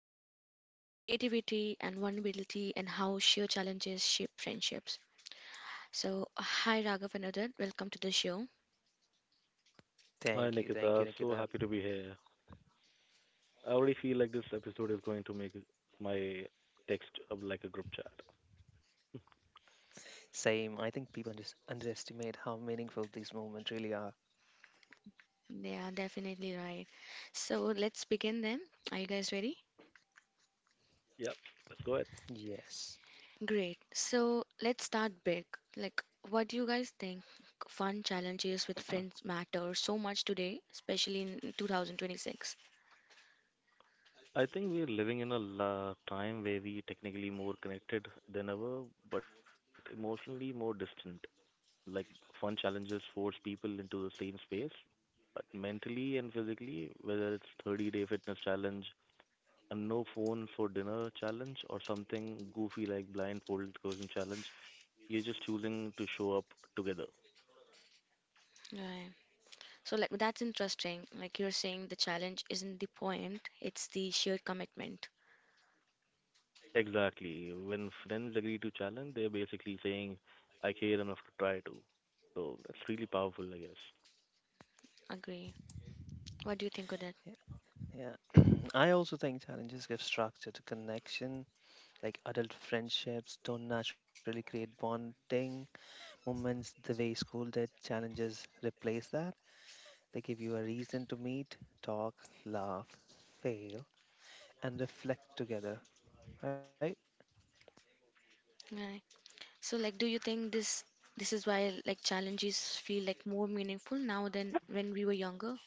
and creativity and vulnerability and how sheer challenges shape friendships. So, hi Raghav and Udit. Welcome to the show. Hi Thank Nikita, you, so Nikita. happy to be here. I already feel like this episode is going to make my text up like a group chat. Same. I think people underestimate how meaningful these moments really are. They are definitely right. So let's begin then. Are you guys ready? Yep, let's go ahead. Yes. Great. So let's start big. Like, what do you guys think fun challenges with friends matter so much today, especially in 2026? I think we're living in a time where we technically more connected than ever, but emotionally more distant. Like fun challenges force people into the same space, but mentally and physically, whether it's 30-day day fitness challenge, a no phone for dinner challenge, or something goofy like blindfolded cooking challenge. You're just choosing to show up together. Right. So, like, that's interesting. Like, you're saying the challenge isn't the point, it's the shared commitment. Exactly. When friends agree to challenge, they're basically saying, "I care enough to try to." So that's really powerful, I guess. Agree. What do you think of that? Yeah, yeah. I also think challenges give structure to connection. Like adult friendships don't naturally create bonding moments the way school did. Challenges replace that. They give you a reason to meet, talk, laugh, fail, and reflect together, right? Right. So, like, do you think this is why like challenges feel like more meaningful now than when we were younger?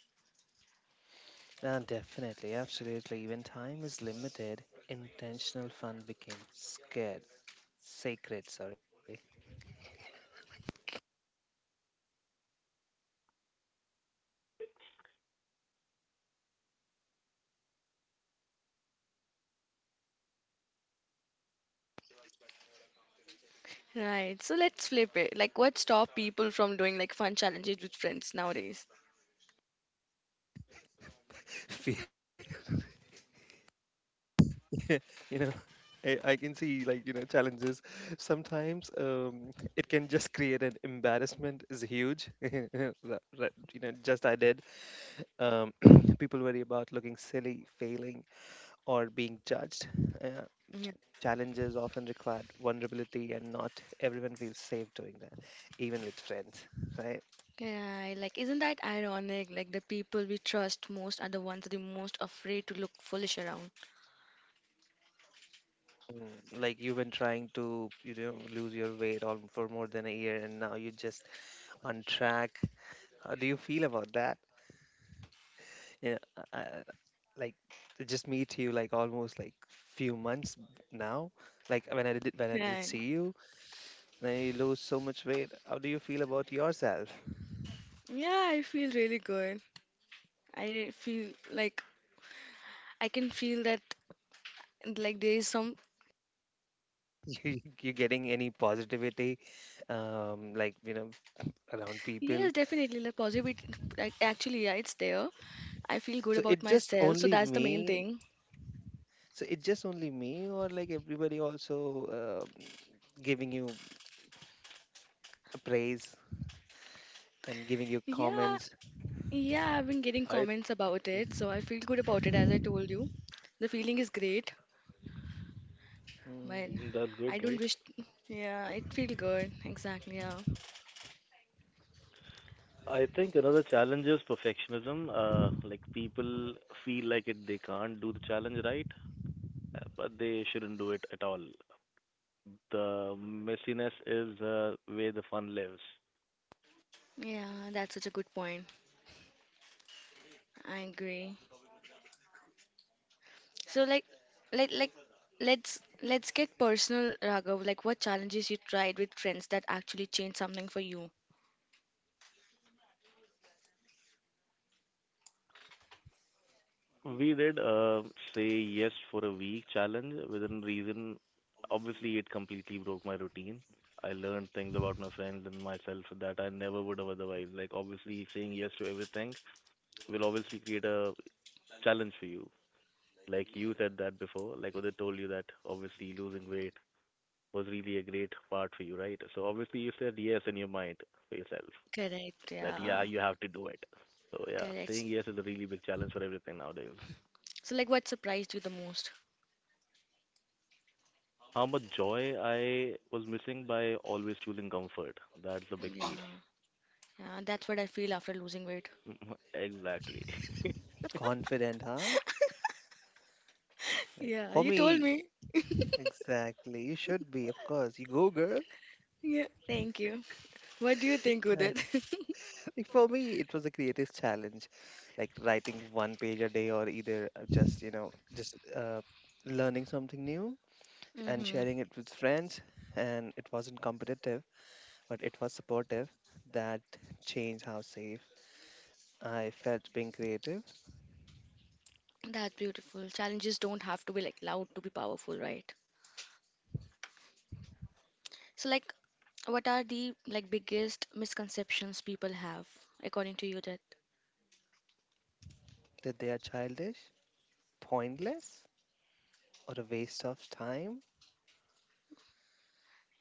Definitely, absolutely. When time is limited, intentional fun becomes scared, sacred, sorry. Right. So let's flip it. Like, what stop people from doing like fun challenges with friends nowadays? Fe- you know, I can see, like, challenges. Sometimes it can just create an embarrassment is huge. Just I did. Um, People worry about looking silly, failing, or being judged. Uh, Yeah. challenges often required vulnerability, and not everyone feels safe doing that, even with friends, right? Yeah, like, isn't that ironic? Like, the people we trust most are the ones the most afraid to look foolish around. Like you've been trying to, lose your weight all for more than a year, and now you're just on track. How do you feel about that? Yeah, I, I- like, to just meet you, like, almost like few months now. Like, when I did Right. see you, then you lose so much weight. How do you feel about yourself? Yeah, I feel really good. I feel like I can feel that like there is some You getting any positivity, like, around people? yes, definitely like positivity. Like, actually, yeah, it's there. I feel good So about it just myself, so only that's the main me thing. so it just only me or like everybody also, um giving you praise and giving you Yeah, comments? yeah, I've been getting I comments about it, so I feel good about it as I told you. The feeling is great, but mm, mm, that's I good, don't right? wish. Yeah, it feels good. Exactly. Yeah. I think another challenge is perfectionism. Like people feel like it they can't do the challenge right, but they shouldn't do it at all. The messiness is where the fun lives. Yeah, that's such a good point. I agree. So like, like, like, let's get personal, Raghav. Like, what challenges you tried with friends that actually changed something for you? We did say yes for a week challenge within reason. Obviously, it completely broke my routine. I learned things about my friends and myself that I never would have otherwise. Like, obviously, saying yes to everything will obviously create a challenge for you. Like you said that before, like Udit told you that obviously losing weight was really a great part for you, right? So obviously you said yes in your mind for yourself Correct. that yeah, Yeah. you have to do it. So yeah, Correct. saying yes is a really big challenge for everything nowadays. So like, what surprised you the most? How much joy I was missing by always choosing comfort. That's the big Yeah. deal. Yeah, that's what I feel after losing weight. Exactly. Confident, huh? Like, Yeah, for you told me, me. exactly, you should be. Of course, you go, girl. Yeah, thank you. What do you think, Yeah. Udit? Like, for me, it was a creative challenge, like writing one page a day, or either just, just uh, learning something new and Mm-hmm. sharing it with friends. And it wasn't competitive, but it was supportive. That changed how safe I felt being creative. That's beautiful. Challenges don't have to be like loud to be powerful, right? So like what are the like biggest misconceptions people have according to you that That they are childish, pointless, or a waste of time.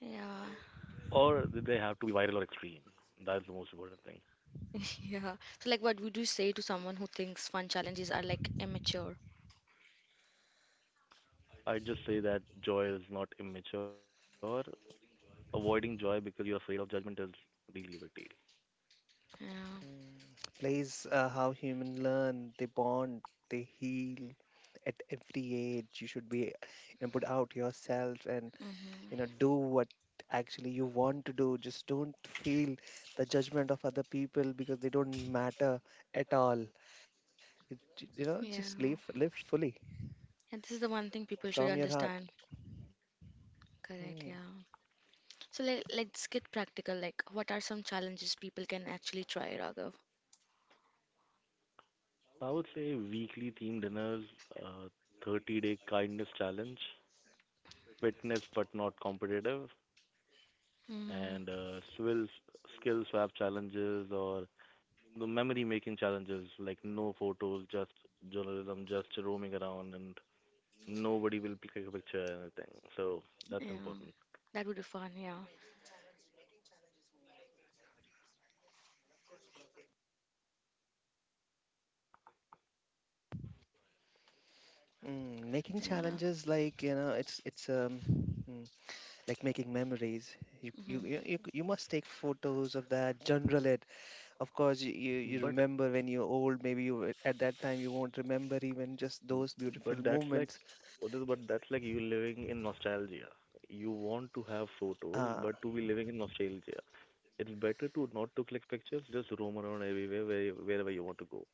yeah. Or did they have to be viral or extreme? That's the most important thing. Yeah. So like what would you say to someone who thinks fun challenges are like immature? I just say that joy is not immature. Avoiding joy because you're afraid of judgment is really a big deal. Yeah. Mm. Plays how human learn, they bond, they heal at every age. You should be, put out yourself and Mm-hmm. do what actually you want to do. Just don't feel the judgment of other people, because they don't matter at all. It, just Yeah. live fully And this is the one thing people from should your heart. understand. Mm, Correct, yeah. So let's get practical. Like, what are some challenges people can actually try, Raghav? I would say weekly theme dinners, uh, 30-day day kindness challenge, fitness but not competitive, Hmm. and skill swap challenges, or the memory making challenges like no photos, just journalism, just roaming around, and nobody will take a picture or anything. So that's Yeah. important. That would be fun. Yeah. mm. Making Yeah. challenges, like, mm, like making memories. You you you Hmm. you you must take photos of that, journal it. Of course, you But remember when you're old. Maybe at that time you won't remember even just those but beautiful that's like moments. what is but that's like you living in nostalgia. You want to have Uh, photos, but to be living in nostalgia. It's better to not to click pictures, just roam around everywhere wherever you want to go.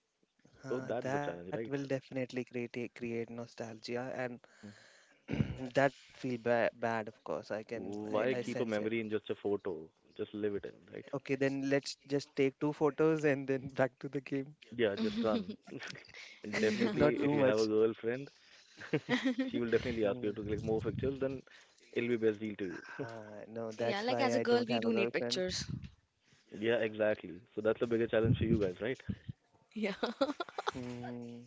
So that's the challenge, that will right? definitely create nostalgia, and Mhm. that feel ba bad. Of course, I can Why I Yeah. keep a sense it. memory in just a photo? Just live it in, right? Okay, then let's just take two photos and then back to the game. Yeah, just run. And Yeah. definitely, Not if you too have a much. girlfriend, she will definitely ask you to click Mm. more pictures, then it'll be best deal to you. No, Yeah. that's Like as why a I girl, don't we have a do need girlfriend. pictures. Yeah, exactly. So that's a bigger challenge for you guys, right? Yeah. Hmm.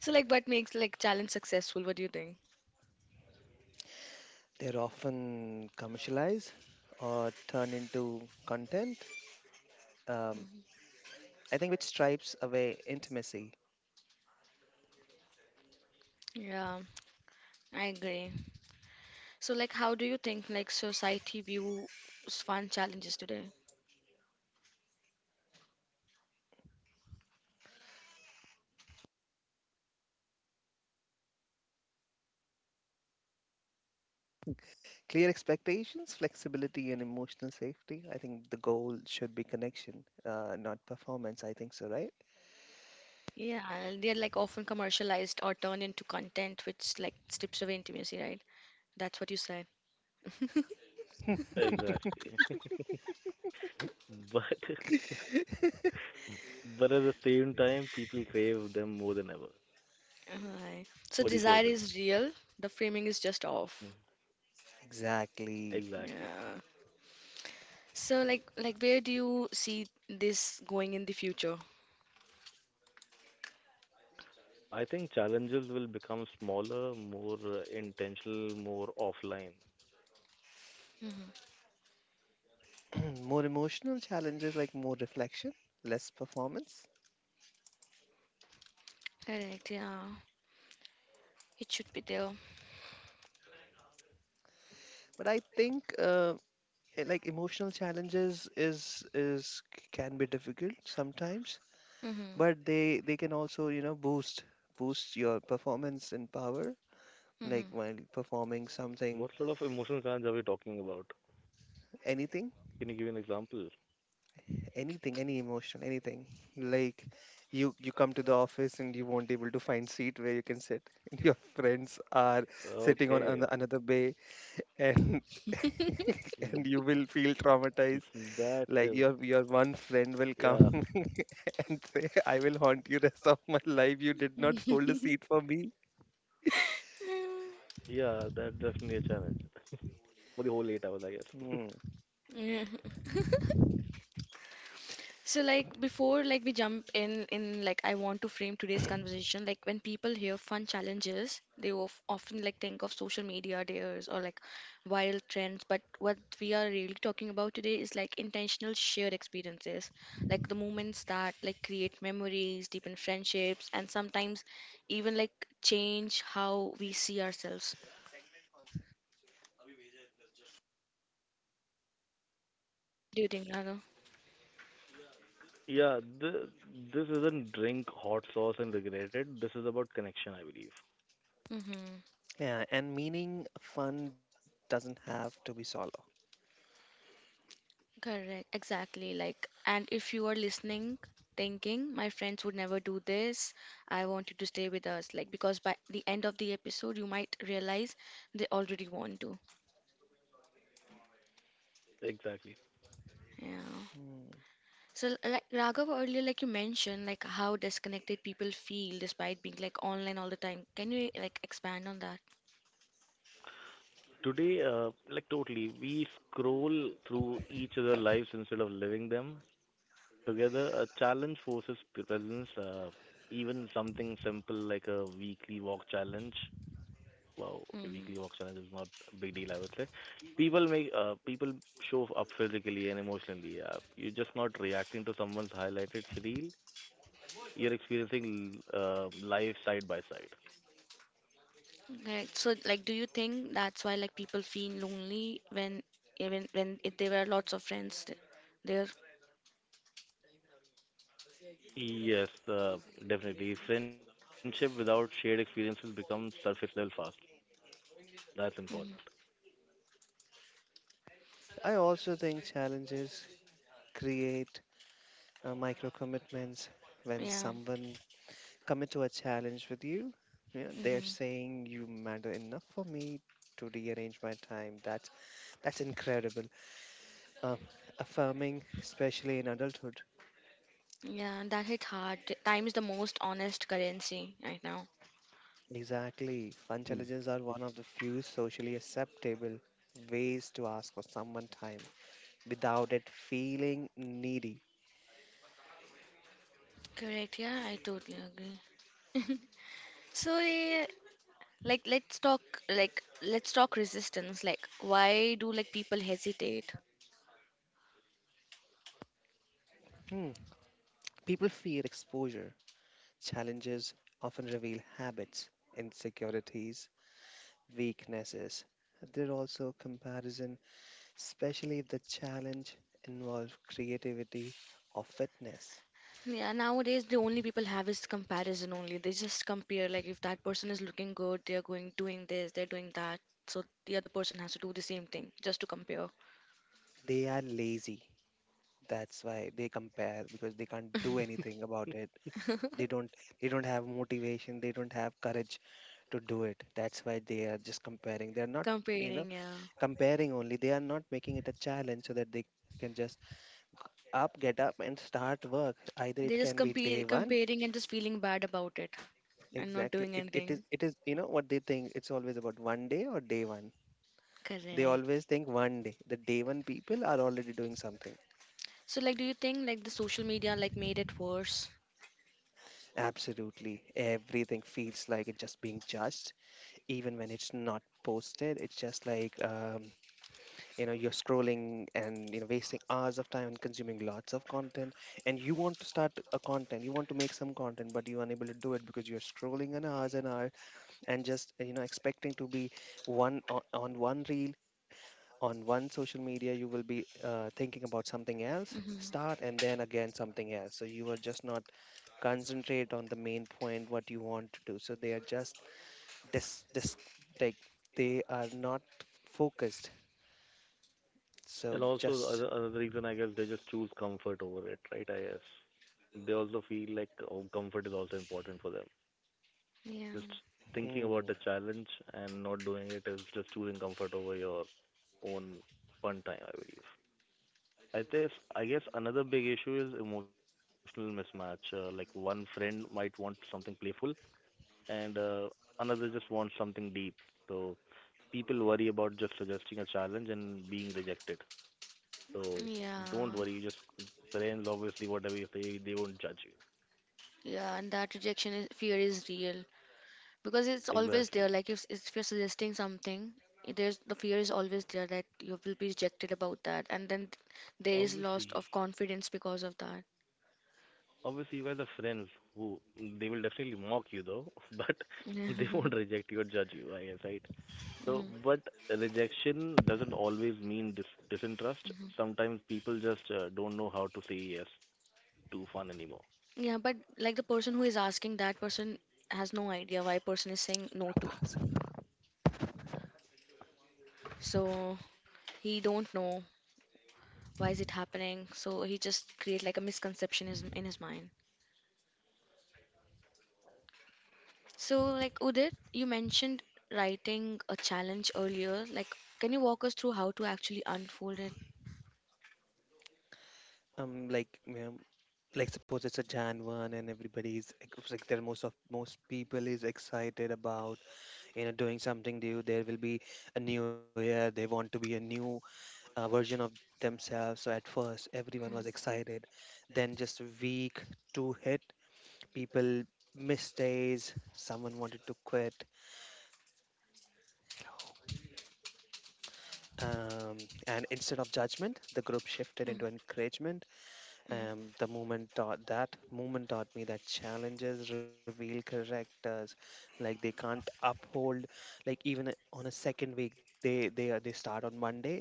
So like, what makes like challenge successful? What do you think? They're often commercialized or turned into content, um, Mhm. I think, which stripes away intimacy. Yeah, I agree. So like, how do you think like society views fun challenges today? Clear expectations, flexibility, and emotional safety. I think the goal should be connection, not performance. I think so, right? Yeah, they're like often commercialized or turned into content which like strips away intimacy, right? That's what you said. Exactly. But but at the same time, people crave them more than ever. Right. So What do you say desire with this? is real, the framing is just off. Mm. Exactly. Exactly. Yeah. So like where do you see this going in the future? I think challenges will become smaller, more intentional, more offline. Mm-hmm. More emotional challenges, like more reflection, less performance. Correct, yeah. It should be there. But I think like, emotional challenges can be difficult sometimes, Mm-hmm. but they can also, boost your performance and power, like while performing something. What sort of emotional challenge are we talking about? Anything. Can you give an example? Anything. Any emotion. Anything. Like, you come to the office and you won't able to find seat where you can sit, and your friends are sitting on Okay, another bay, and and mm, you will feel traumatized. that Like, is, your one friend will yeah, come and say, "I will haunt you rest of my life. You did not hold a seat for me." yeah, that definitely a challenge for the whole 8 hours, Hmm. I guess. Mm-hmm. So like before like we jump in like I want to frame today's conversation like when people hear fun challenges they often like think of social media dares or like viral trends but what we are really talking about today is like intentional shared experiences like the moments that like create memories deepen friendships and sometimes even like change how we see ourselves. Do you think Naga? Yeah, th- this isn't drink hot sauce and regret it. This is about connection, I believe. Mm-hmm. Yeah, and meaning fun doesn't have to be solo. Correct, exactly. Like, and if you are listening, thinking, my friends would never do this, I want you to stay with us. Like, because by the end of the episode, you might realize they already want to. Exactly. Yeah. Hmm. So, like Raghav earlier, like you mentioned, like how disconnected people feel despite being like online all the time. Can you like expand on that? Today, like totally, we scroll through each other's lives instead of living them together. A challenge forces presence. Even something simple like a weekly walk challenge. Wow, okay, Mm-hmm. weekly walk challenge is not a big deal, I would say. People show up physically and emotionally. You're just not reacting to someone's highlighted reel. You're experiencing life side by side. Right. So, like, do you think that's why like people feel lonely when even when if there were lots of friends there? Yes, definitely. Friendship without shared experiences becomes surface level fast. That's important. Mhm. I also think challenges create micro commitments. When Yeah. someone commit to a challenge with you, they're Mhm. saying, you matter enough for me to rearrange my time. That's, incredible. Um, affirming, especially in adulthood. Yeah, that hit hard. Time is the most honest currency right now. Exactly. Fun Mm. challenges are one of the few socially acceptable ways to ask for someone time without it feeling needy. Correct. Yeah, I totally agree. So, like, let's talk, like, let's talk resistance. Like, why do like people hesitate? Hmm. People fear exposure. Challenges often reveal habits, insecurities, weaknesses. There also comparison, especially if the challenge involves creativity or fitness. Yeah, nowadays the only people have is comparison only. They just compare like if that person is looking good, they're going doing this, they're doing that. So the other person has to do the same thing just to compare. They are lazy. That's why they compare, because they can't do anything about it. They don't they don't have motivation, they don't have courage to do it. That's why they are just comparing. They're not, you know, Comparing, yeah. comparing only. They are not making it a challenge so that they can just get up and start work. Either it They're can just be day one. comparing and just feeling bad about it Exactly. and not It doing it is it anything. is, what they think. It's always about one day or day one. They Correct. always think one day. The day one people are already doing something. So, like, do you think like the social media like made it worse? Absolutely. Everything feels like it's just being judged, even when it's not posted. It's just like, you're scrolling and wasting hours of time and consuming lots of content, and you want to start a content, you want to make some content, but you're unable to do it because you're scrolling an hours and hour, and just, expecting to be one on one reel, on one social media. You will be, thinking about something else Mm-hmm. start, and then again something else, so you are just not concentrate on the main point what you want to do. So they are just, this like, they are not focused, And so also, the just, other another reason I guess they just choose comfort over it, right? I guess they also feel like oh, comfort is also important for them. Yeah. Just thinking about hmm, the challenge and not doing it is just choosing comfort over your own fun time, I believe. I guess another big issue is emotional mismatch. Like one friend might want something playful and another just wants something deep. So people worry about just suggesting a challenge and being rejected. So Yeah. don't worry, just friends obviously whatever you say, they won't judge you. Yeah, and that rejection is, fear is real because it's always there. Exactly. Like if you're suggesting something, there's the fear is always there that you will be rejected about that, and then there is loss Obviously. of confidence because of that. Obviously you guys are friends who they will definitely mock you though, but they won't reject you or judge you, I guess, right? So, Mhm. but rejection doesn't always mean disinterest. Mhm. Sometimes people just don't know how to say yes to fun anymore. Yeah, but like the person who is asking, that person has no idea why person is saying no to. So he don't know why is it happening. So he just create like a misconception is in his mind. So like Udit, you mentioned writing a challenge earlier. Like, can you walk us through how to actually unfold it? Like, like, suppose it's a January 1 and everybody's like, it's like there, most people is excited about, doing something new. There will be a new year, they want to be a new, version of themselves. So at first everyone was excited, then just week two hit, people missed days, someone wanted to quit. And instead of judgment, the group shifted into Mm, encouragement. mhm, the movement taught me that challenges reveal characters, like they can't uphold. Like, even on a second week, they start on Monday,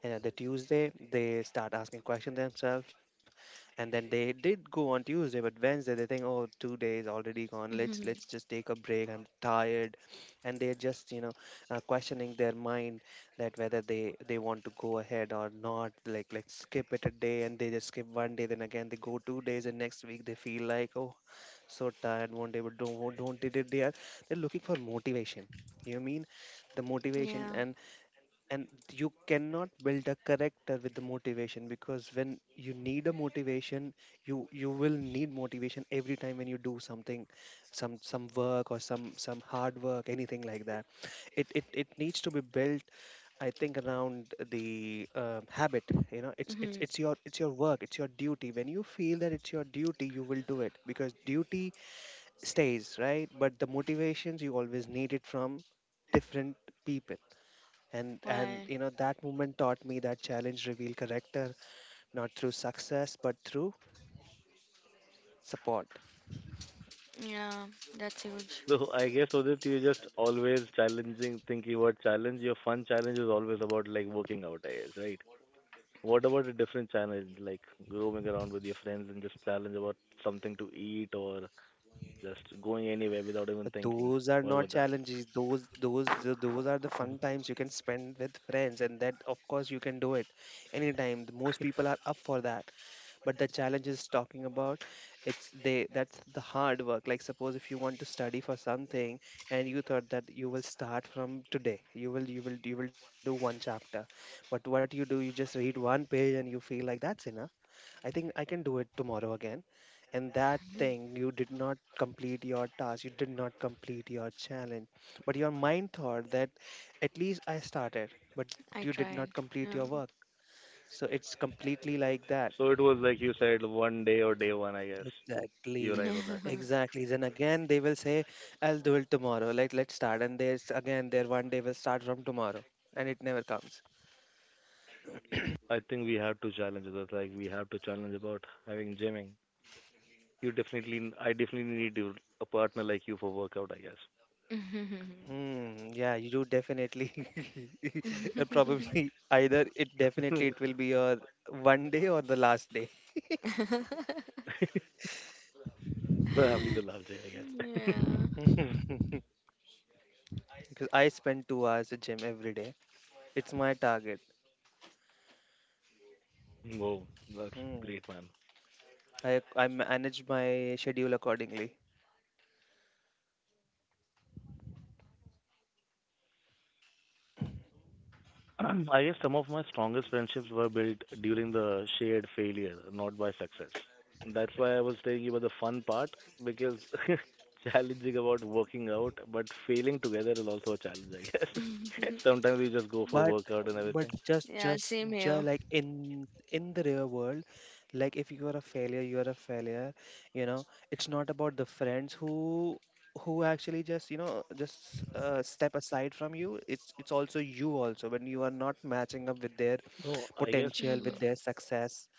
the Tuesday they start asking questions themselves, and then they did go on Tuesday, but Wednesday they think, oh, 2 days already gone. mhm, Let's mhm. let's just take a break. I'm tired. And they're just, questioning their mind, that whether they want to go ahead or not, like, skip it a day, and they just skip one day, then again they go 2 days, and next week they feel like, oh, so tired, won't able, don't, don't did it, they are, they're looking for motivation. You mean the Yeah. motivation. And and you cannot build a character with the motivation, because when you need a motivation, you will need motivation every time when you do something, some work or some hard work, anything like that. It needs to be built, I think, around the, habit. It's it's Mm-hmm. it's your it's your work, it's your duty. When you feel that it's your duty, you will do it, because duty stays, right? But the motivations you always need it from different people. And, Right. That movement taught me that challenge reveal character not through success but through support. Yeah, that's huge. So I guess so that you just always challenging thinking about challenge. Your fun challenge is always about like working out, I guess, right? What about a different challenge, like roaming around with your friends and just challenge about something to eat or just going anywhere But without even those thinking. are What not about that? challenges. Those are the Mhm. fun times you can spend with friends, and that of course you can do it anytime. The Most people are up for that, but the challenge is talking about, it's they, that's the hard work. Like, suppose if you want to study for something and you thought that you will start from today, you will, do one chapter, but what you do, you just read one page and you feel like that's enough. I think I can do it tomorrow again. And that thing, you did not complete your task, you did not complete your challenge, but your mind thought that at least I started. But you did I not tried. complete your work. So it's completely like that. So it was like you said, one day or day one, I guess. You're Exactly, right Yeah. with that. exactly. Then again, they will say, I'll do it tomorrow. Like, let's start. And there's again, their one day will start from tomorrow, and it never comes. I think we have to challenge others. Like we have to challenge about having gymming. I definitely need you, a partner like you for workout, I guess. Hmm, yeah, you definitely, probably, either it, definitely it will be your one day or the last day. Probably the larger, I guess. Yeah. Because I spend 2 hours at gym every day. It's my target. Wow, that's Hmm. great, man. I manage my schedule accordingly. I guess some of my strongest friendships were built during the shared failure, not by success. That's why I was telling you about the fun part because challenging about working out, but failing together is also a challenge, I guess. Sometimes we just go for but workout and but everything. just Yeah, just same just here. like in the real world, like if you are a failure, you are a failure, you know. It's not about the friends who actually just step aside from you. It's also you, also when you are not matching up with their No, I guess potential, Hmm. with uh, their success,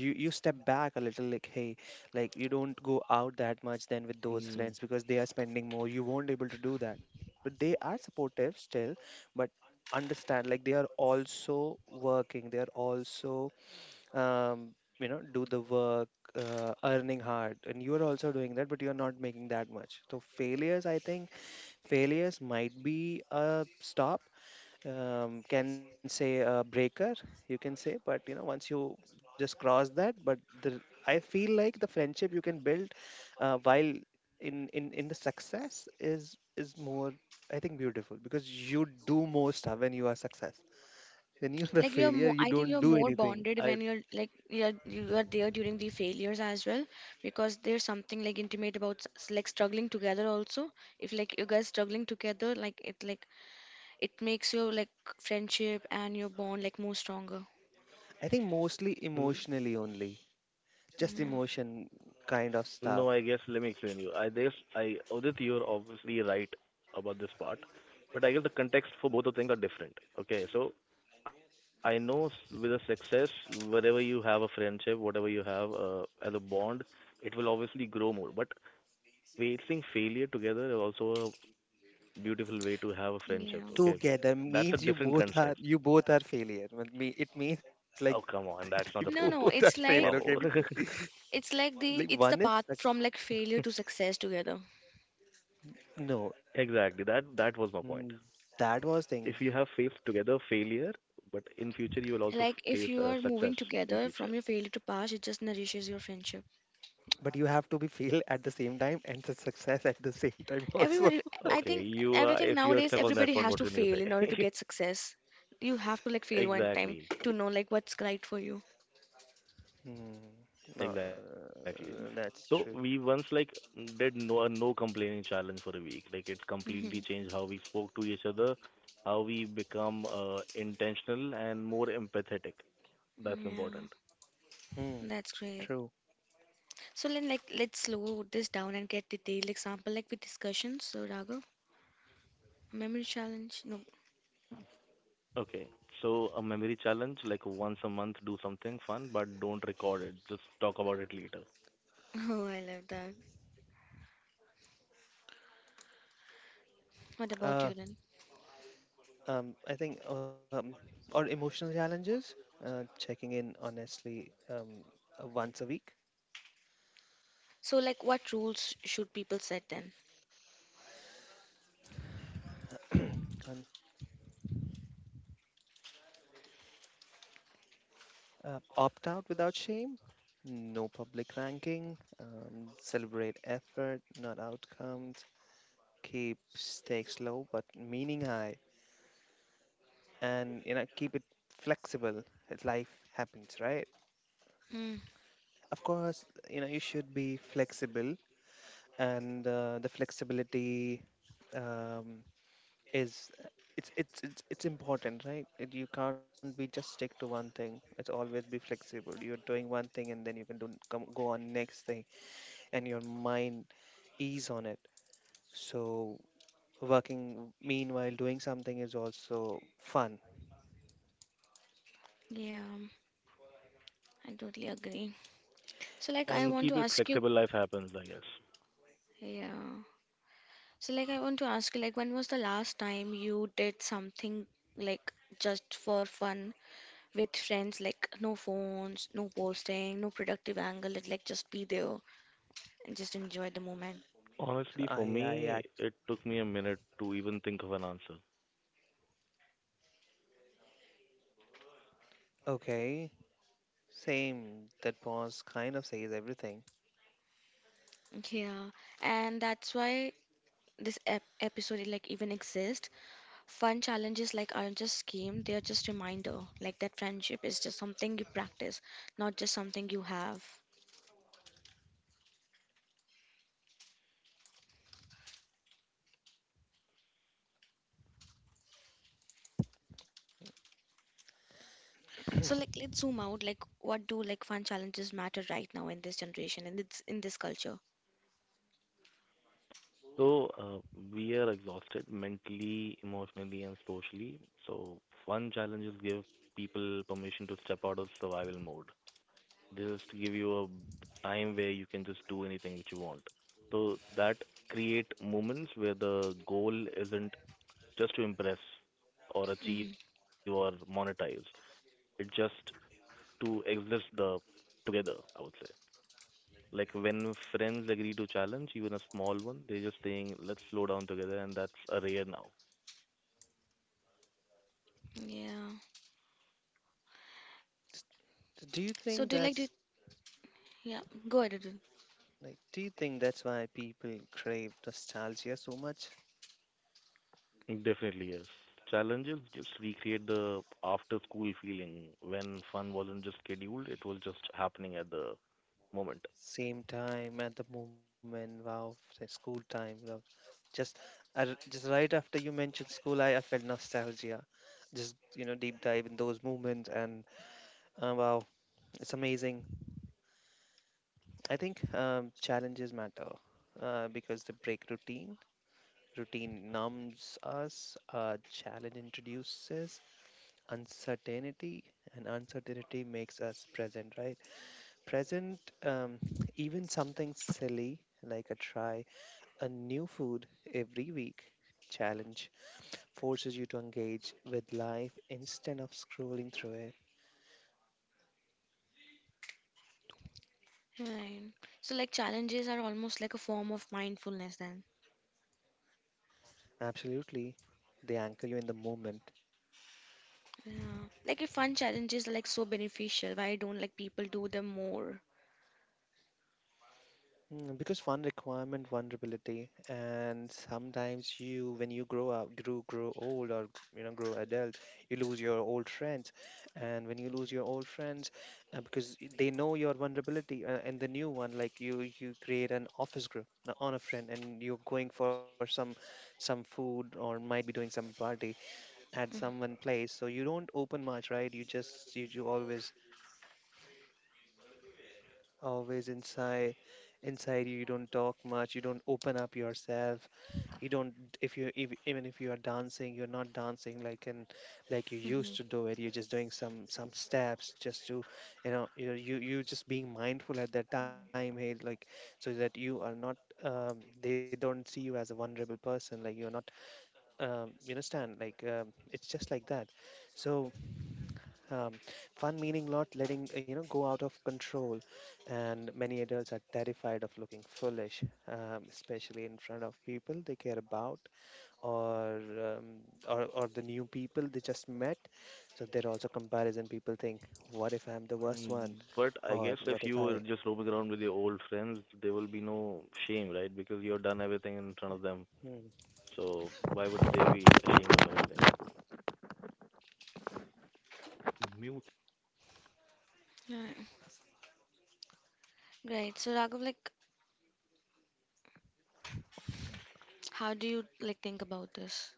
you step back a little. Like, hey, like you don't go out that much then with those friends because they are mm, spending more, you won't able to do that, but they are supportive still. But understand, like they are also working, they are also um you know, do the work, earning hard, and you are also doing that, but you are not making that much. So failures, I think, failures might be a stop, can say a breaker, you can say. But you know, once you just cross that, but the, I feel like the friendship you can build while in the success is more, I think, beautiful, because you do more stuff when you are success. When you are a Like you're failure, more, you I think don't you're do more anything. bonded I when you're like you're you are there during the failures as well because there's something like intimate about like struggling together also. If like you guys struggling together, like it makes your like friendship and your bond like more stronger. I think mostly mm, emotionally only, just Yeah. emotion kind of stuff. no, I guess let me explain you. I guess I Udit, you're obviously right about this part, but I guess the context for both of things are different. Okay, so I know with a success, wherever you have a friendship, whatever you have as a bond, it will obviously grow more. But facing failure together is also a beautiful way to have a Yeah. friendship. Okay, Together that's a means you different both are, context. you both are failure. But me, it means like, Oh, come on, they that's not the both No, are no, point. Failure. Okay, we, Wow. it's like like one the is it's the success. path from like failure to success together. No, Exactly. That was my point. mm, that was thing. If you have faced together failure, but in future you will Like also if you are face moving success together from in your future. failure to past, it just nourishes your friendship. But you have to be fail at the same time and the success at the same time also. Everybody, I think Okay, you everything if you are nowadays, stuck on everybody that point, has what to can you fail in order to say? get success. You have to like fail one time Exactly. to know like what's right for you. Hmm. No, Exactly. that's So true. we once like did a no complaining challenge for a week. Like it's completely Hmm. changed how we spoke to each other, how we become intentional and more empathetic. That's Yeah, important. Hmm. that's great. True. So then like let's slow this down and get detailed example like with discussions. So Raghav, memory challenge? No. Okay. So a memory challenge, like once a month, do something fun, but don't record it. Just talk about it later. Oh, I love that. What about Uh, you then? I think or emotional challenges. Checking in honestly, once a week. So like what rules should people set then? And opt out without shame, no public ranking, celebrate effort, not outcomes, keep stakes low but meaning high, and you know, keep it flexible, as life happens, right? Mm, Of course, you know, you should be flexible. And the flexibility, um, is, it's important, right? It, you can't be just stick to one thing. It's always be flexible. You're doing one thing, and then you can do come go on next thing, and your mind ease on it. So working meanwhile doing something is also fun. yeah, I totally agree. So like I And So, want to keep it ask you, flexible. Life happens, I guess. yeah. So like I want to ask you, like when was the last time you did something like just for fun with friends, like no phones, no posting, no productive angle, it like just be there and just enjoy the moment. so Honestly, for I, me, act it took me a minute to even think of an answer. Okay, same. That pause kind of says everything. Yeah, and that's why this ep episode like even exist. Fun challenges like aren't just scheme, they are just reminder. Like that friendship is just something you practice, not just something you have. So like let's zoom out. Like what do like fun challenges matter right now in this generation and it's in this culture? So we are exhausted mentally, emotionally, and socially. So one challenge is give people permission to step out of survival mode. Just give you a time where you can just do anything which you want. So that create moments where the goal isn't just to impress or achieve Hmm. or monetize. It's just to exist the together. I would say. Like when friends agree to challenge, even a small one, they're just saying, "Let's slow down together," and that's a rare now. Yeah. S- so do you So do you think like to that's yeah, go ahead. Arjun. like? Do you think that's why people crave nostalgia so much? Definitely, yes. Challenges just recreate the after school feeling when fun wasn't just scheduled, it was just happening at the moment. Same time at the moment. Wow, the school time. Wow. Just, I r just right after you mentioned school, I felt nostalgia. Just you know, deep dive in those moments. And wow, it's amazing. I think challenges matter because they break routine. Routine numbs us. Challenge introduces uncertainty, and uncertainty makes us present, right? Present. Even something silly like a try a new food every week challenge forces you to engage with life instead of scrolling through it. Right. So like challenges are almost like a form of mindfulness then. Absolutely. They anchor you in the moment. Yeah. Like if fun challenges are like so beneficial, why don't like people do them more? Mm, because one requirement vulnerability. And sometimes you, when you grow up, grow old, or you know, grow adult, you lose your old friends. And when you lose your old friends, because they know your vulnerability. And the new one, like you create an office group, on a friend, and you're going for some food or might be doing some party at someone Mm-hmm. place, so you don't open much, right? You just, you always, always inside, inside you, you don't talk much, you don't open up yourself. You don't, if you if, even if you are dancing, you're not dancing like, and like you used to do it. You're just doing some steps, just to, you know, you just being mindful at that time. Hey, like, so that you are not um, they don't see you as a vulnerable person. Like you're not, you understand, like, it's just like that. So um, fun meaning not letting, you know, go out of control. And many adults are terrified of looking foolish, especially in front of people they care about, or or the new people they just met. So there are also comparison. People think, what if I'm the worst one, Mm. But I or guess if what if you were I? just roaming around with your old friends, there will be no shame, right? Because you've done everything in front of them. Hmm. So why would they be ashamed of everything? Mute. Right. Right. So Raghav, like how do you like think about this?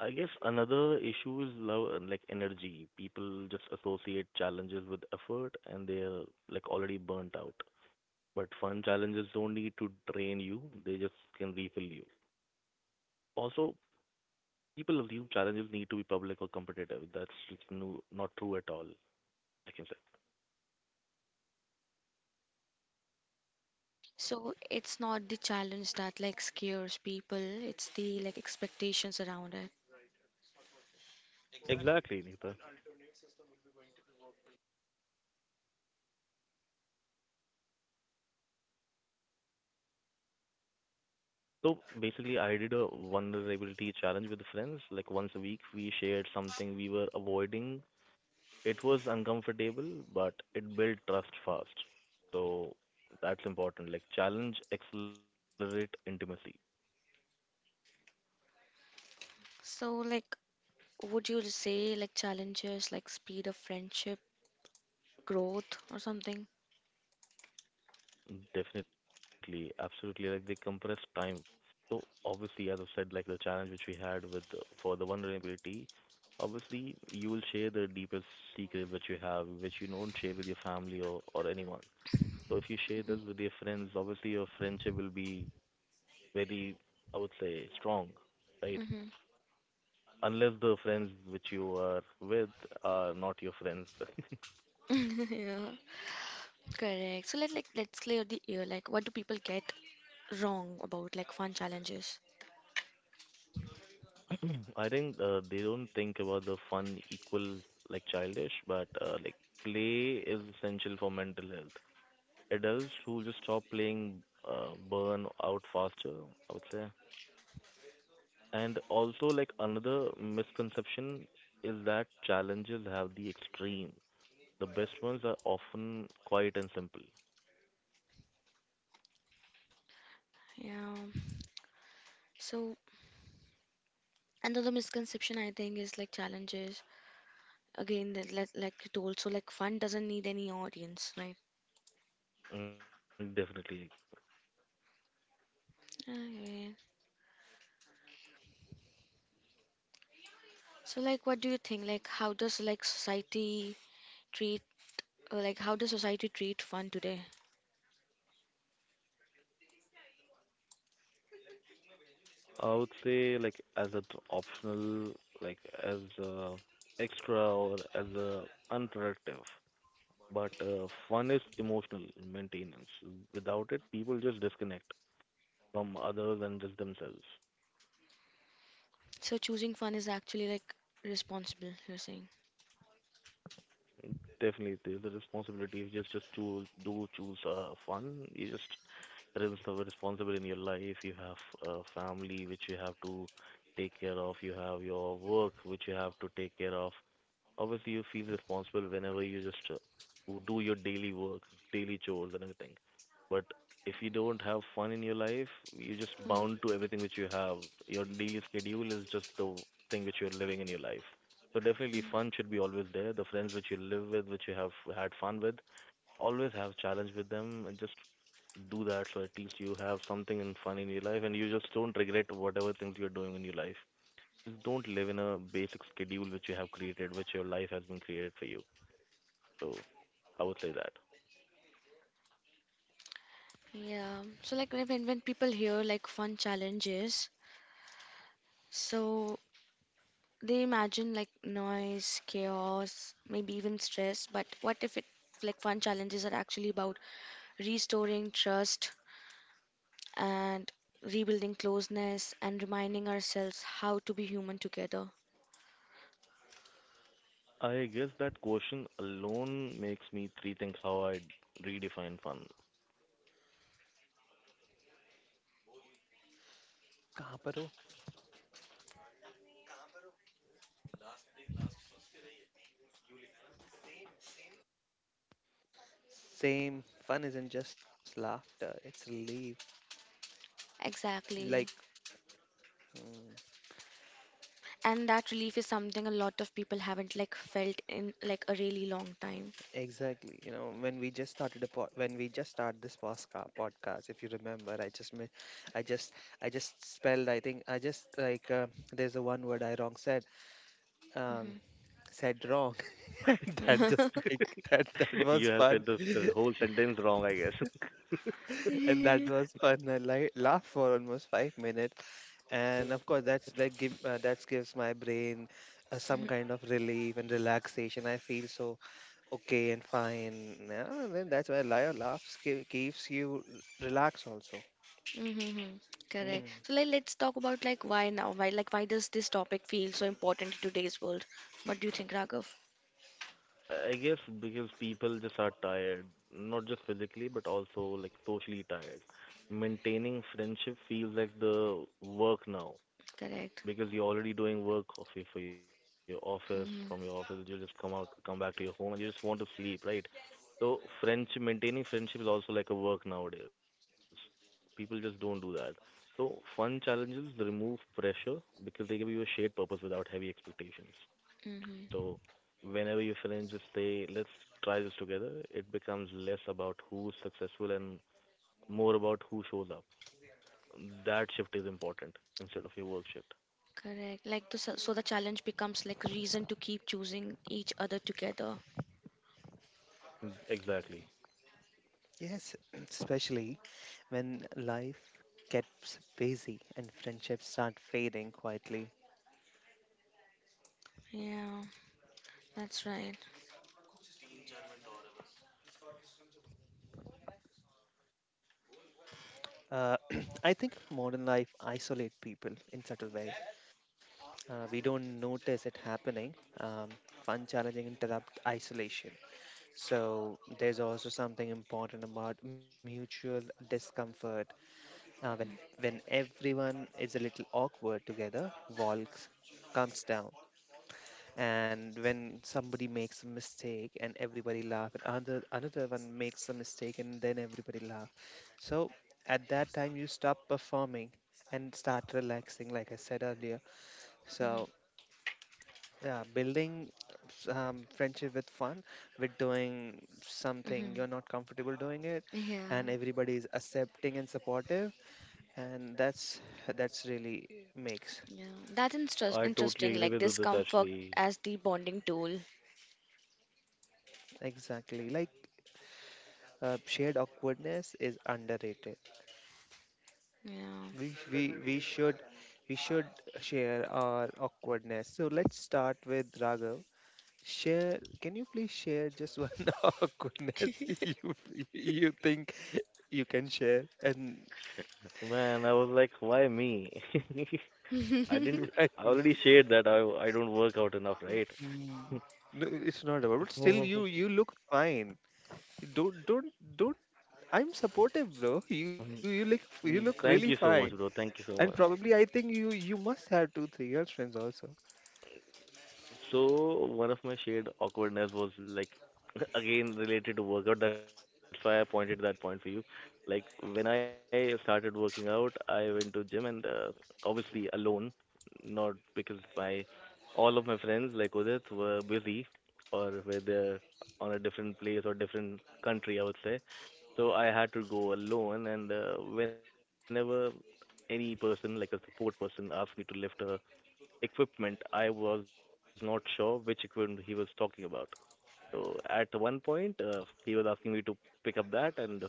I guess another issue is love and like energy. People just associate challenges with effort and they're like already burnt out. But fun challenges don't need to drain you, they just can refill you. Also, people assume challenges need to be public or competitive. That's just no, not true at all, I can say. So it's not the challenge that like scares people, it's the like expectations around it. Exactly, Neeta. So basically, I did a vulnerability challenge with friends. Like once a week, we shared something we were avoiding. It was uncomfortable, but it built trust fast. So that's important. Like challenge accelerate intimacy. So, like, would you say like challenges, like speed of friendship, growth, or something? Definitely, absolutely. Like they compress time. So obviously, as I said, like the challenge which we had with for the vulnerability, obviously you will share the deepest secret which you have, which you don't share with your family or anyone. So if you share this with your friends, obviously your friendship will be very, I would say, strong, right? Mm-hmm. Unless the friends which you are with are not your friends. Yeah, correct. So let like let's clear the air. Like, what do people get wrong about like fun challenges? I think they don't think about the fun equal like childish, but like play is essential for mental health. Adults who just stop playing burn out faster, I would say. And also like another misconception is that challenges have the extreme. The best ones are often quiet and simple. Yeah. So another misconception I think is like challenges. Again, that like you told, so like fun doesn't need any audience, right? Mm, definitely. Okay. So like, what do you think? Like, how does like society treat, or like how does society treat fun today? I would say like as an optional, like as a extra or as a unproductive. But fun is emotional maintenance. Without it, people just disconnect from others and just themselves. So choosing fun is actually like responsible, you're saying. Definitely, there's a responsibility. You just to do choose fun. You just there is the responsible in your life. You have a family which you have to take care of. You have your work which you have to take care of. Obviously you feel responsible whenever you just do your daily work, daily chores and everything. But if you don't have fun in your life, you're just Mm, bound to everything which you have. Your daily schedule is just the thing which you're living in your life. So definitely mm. fun should be always there. The friends which you live with, which you have had fun with, always have challenge with them and just do that, so at least you have something and fun in your life, and you just don't regret whatever things you're doing in your life. Just don't live in a basic schedule which you have created, which your life has been created for you. So I would say that. Yeah. So like when people hear like fun challenges, so they imagine like noise, chaos, maybe even stress. But what if it like fun challenges are actually about restoring trust and rebuilding closeness and reminding ourselves how to be human together. I guess that question alone makes me rethink how I redefine fun. कहाँ पर हो? Same. Fun isn't just laughter; it's relief. Like. Exactly. Hmm. And that relief is something a lot of people haven't like felt in like a really long time. Exactly. You know, when we just started a po when we just started this posca podcast, if you remember, I just I just spelled. I think I just like, there's a one word I wrong said. Um, Mm-hmm. said wrong. That just make, that was You have fun, said this whole sentence wrong, I guess. and that Mhm. was fun. I li laughed for almost 5 minutes, and of course that's like give, that gives my brain some kind of relief and relaxation. I feel so okay, and fine. Yeah, and then that's why liar laughs ke- keeps you r- relaxed also. Mm-hmm. Correct. Mm. So like, let's talk about like why now? Why like why does this topic feel so important in today's world? What do you think, Raghav? I guess because people just are tired, not just physically, but also like socially tired. Maintaining friendship feels like the work now. Correct. Because you're already doing work of your, for your office. From your Mm-hmm. office you just come back to your home and you just want to sleep, right? So friendship, maintaining friendship is also like a work nowadays. People just don't do that. So fun challenges remove pressure because they give you a shared purpose without heavy expectations. Mm-hmm. So whenever your friends just say let's try this together, it becomes less about who's successful and more about who shows up. That shift is important instead of your work shift. Correct. Like the, so so the challenge becomes like a reason to keep choosing each other together. Mm, exactly. Yes, especially when life gets busy and friendships start fading quietly. Yeah, that's right. Uh, I think modern life isolate people in subtle way. We don't notice it happening. Um, Fun, challenging, interrupt isolation. So there's also something important about mutual discomfort. Uh, when when everyone is a little awkward together, walks comes down, and when somebody makes a mistake and everybody laugh, and another one makes a mistake and then everybody laugh. So at that time you stop performing and start relaxing, like I said earlier. Mm-hmm. So yeah, building friendship with fun, with doing something Mm-hmm. you're not comfortable doing it, Yeah. and everybody is accepting and supportive, and that's really makes. Yeah, that's I totally interesting. agree Like with Udit discomfort actually. as the bonding tool. Exactly, like shared awkwardness is underrated. Yeah. We should, we should share our awkwardness. So let's start with Raghav. Share, can you please share just one awkwardness you, you think you can share? And Man, I was like, why me? I didn't. I already shared that I don't work out enough, right? mm, no, it's not about, but still you look fine. You don't, I'm supportive bro, you look, you look really Thank you fine. so much, bro. Thank you And so much. Mm-hmm. probably I think you must have two, three girlfriends also. So one of my shared awkwardness was like, again related to workout. That's why I pointed that point for you. Like when I started working out, I went to gym and, obviously, alone, not because my all of my friends like Udit were busy or were there on a different place or different country, I would say. So I had to go alone, and whenever any person like a support person asked me to lift a equipment, I was not sure which equipment he was talking about. So at one point, he was asking me to pick up that, and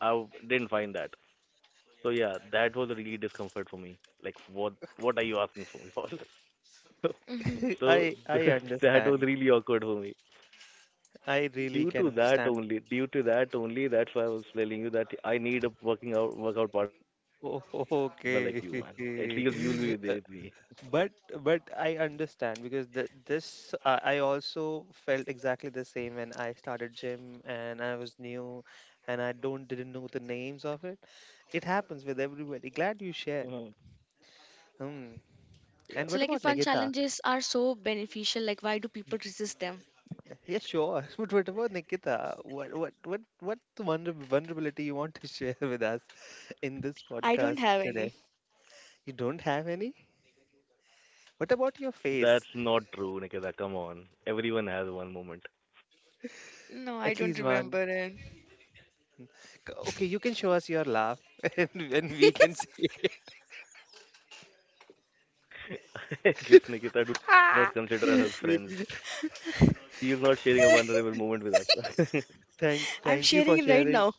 didn't find that. So yeah, that was a really discomfort for me. Like, what are you asking for me for? Mm-hmm. so I th- that was understand. really awkward for me. I really can understand. Due to that only, that's why I was telling you that I need a working out workout partner like you, man. Oh, At least you'll be okay. there with me. Uh, But but I understand because the, I also felt exactly the same when I started gym and I was new, and I don't didn't know the names of it. It happens with everybody. Glad Hmm. you shared. Hmm. Yeah, And So, what like, if about fun Nagita? challenges are so beneficial, like, why do people resist them? Yeah, sure. But what about Nikita? What vulnerability you want to share with us in this I don't podcast have any. today? You don't have any? What about your face? that's not true, Nikita. Come on, everyone has one moment. No, I At don't least one. remember it. Okay, you can show us your laugh, and when we can see. Gifts, Nikita, do not Ah! consider us as friends. We He is not sharing a vulnerable moment with us. I'm thank you sharing for it right sharing. now.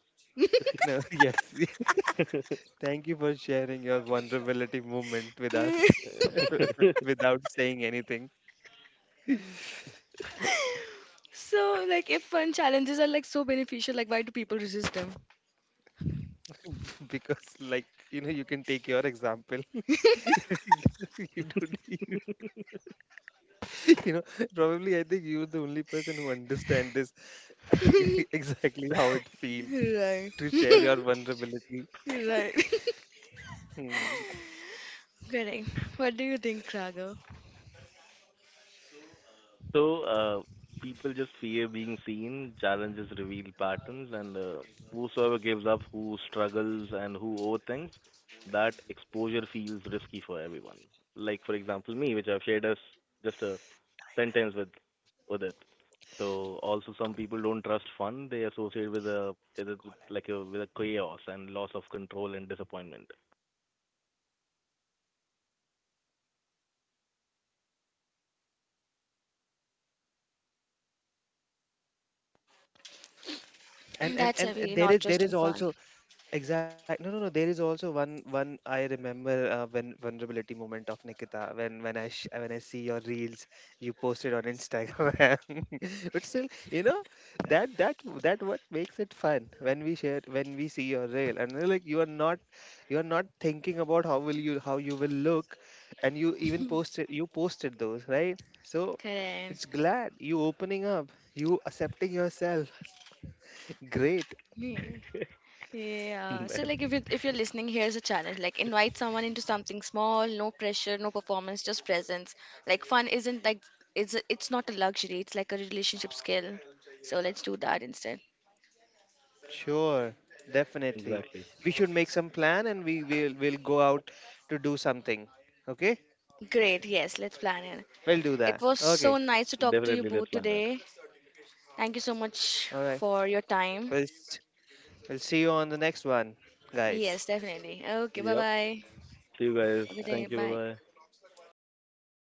No, yes, thank you for sharing your vulnerability moment with us without saying anything, So, like, if fun challenges are like so beneficial, like, why do people resist them? because like you know you can take your example. You don't. You know, probably I think you're the only person who understand this, exactly how it feels Right. to share your vulnerability. Right. Hmm. Correct. What do you think, Raga? So, people just fear being seen, challenges reveal patterns, and whosoever gives up, who struggles, and who overthinks, that exposure feels risky for everyone. Like, for example, me, which I've shared us just a sentence with Udit. So also some people don't trust fun. They associate with like a with a chaos and loss of control and disappointment. and, and That's a and and very there not is, there interesting is fun. also exactly. No, no, no. There is also one I remember, when vulnerability moment of Nikita, when I sh when I see your reels you posted on Instagram. But still, you know, that what makes it fun, when we share, when we see your reel, and we're like, you are not, you are not thinking about how will you, how you will look. And you even posted, you posted those, right? So Correct. it's glad you opening up, you accepting yourself. Great. Yeah. Yeah. So Man, like if you if you're listening, here's a challenge. Like invite someone into something small, no pressure, no performance, just presence. Like fun isn't like it's not a luxury, it's like a relationship skill. So let's do that instead. Sure, definitely. exactly. We should make some plan and we will go out to do something, okay? Great, yes, let's plan it. We'll do It that. was so Okay. nice to talk to you Definitely, let's both plan that. today. Thank you so much All right. for your time. We'll s- we'll see you on the next one, guys. Yes, definitely. Okay, bye Yep. bye. See you guys. Have a good day. Bye. Thank you. Bye. Bye bye.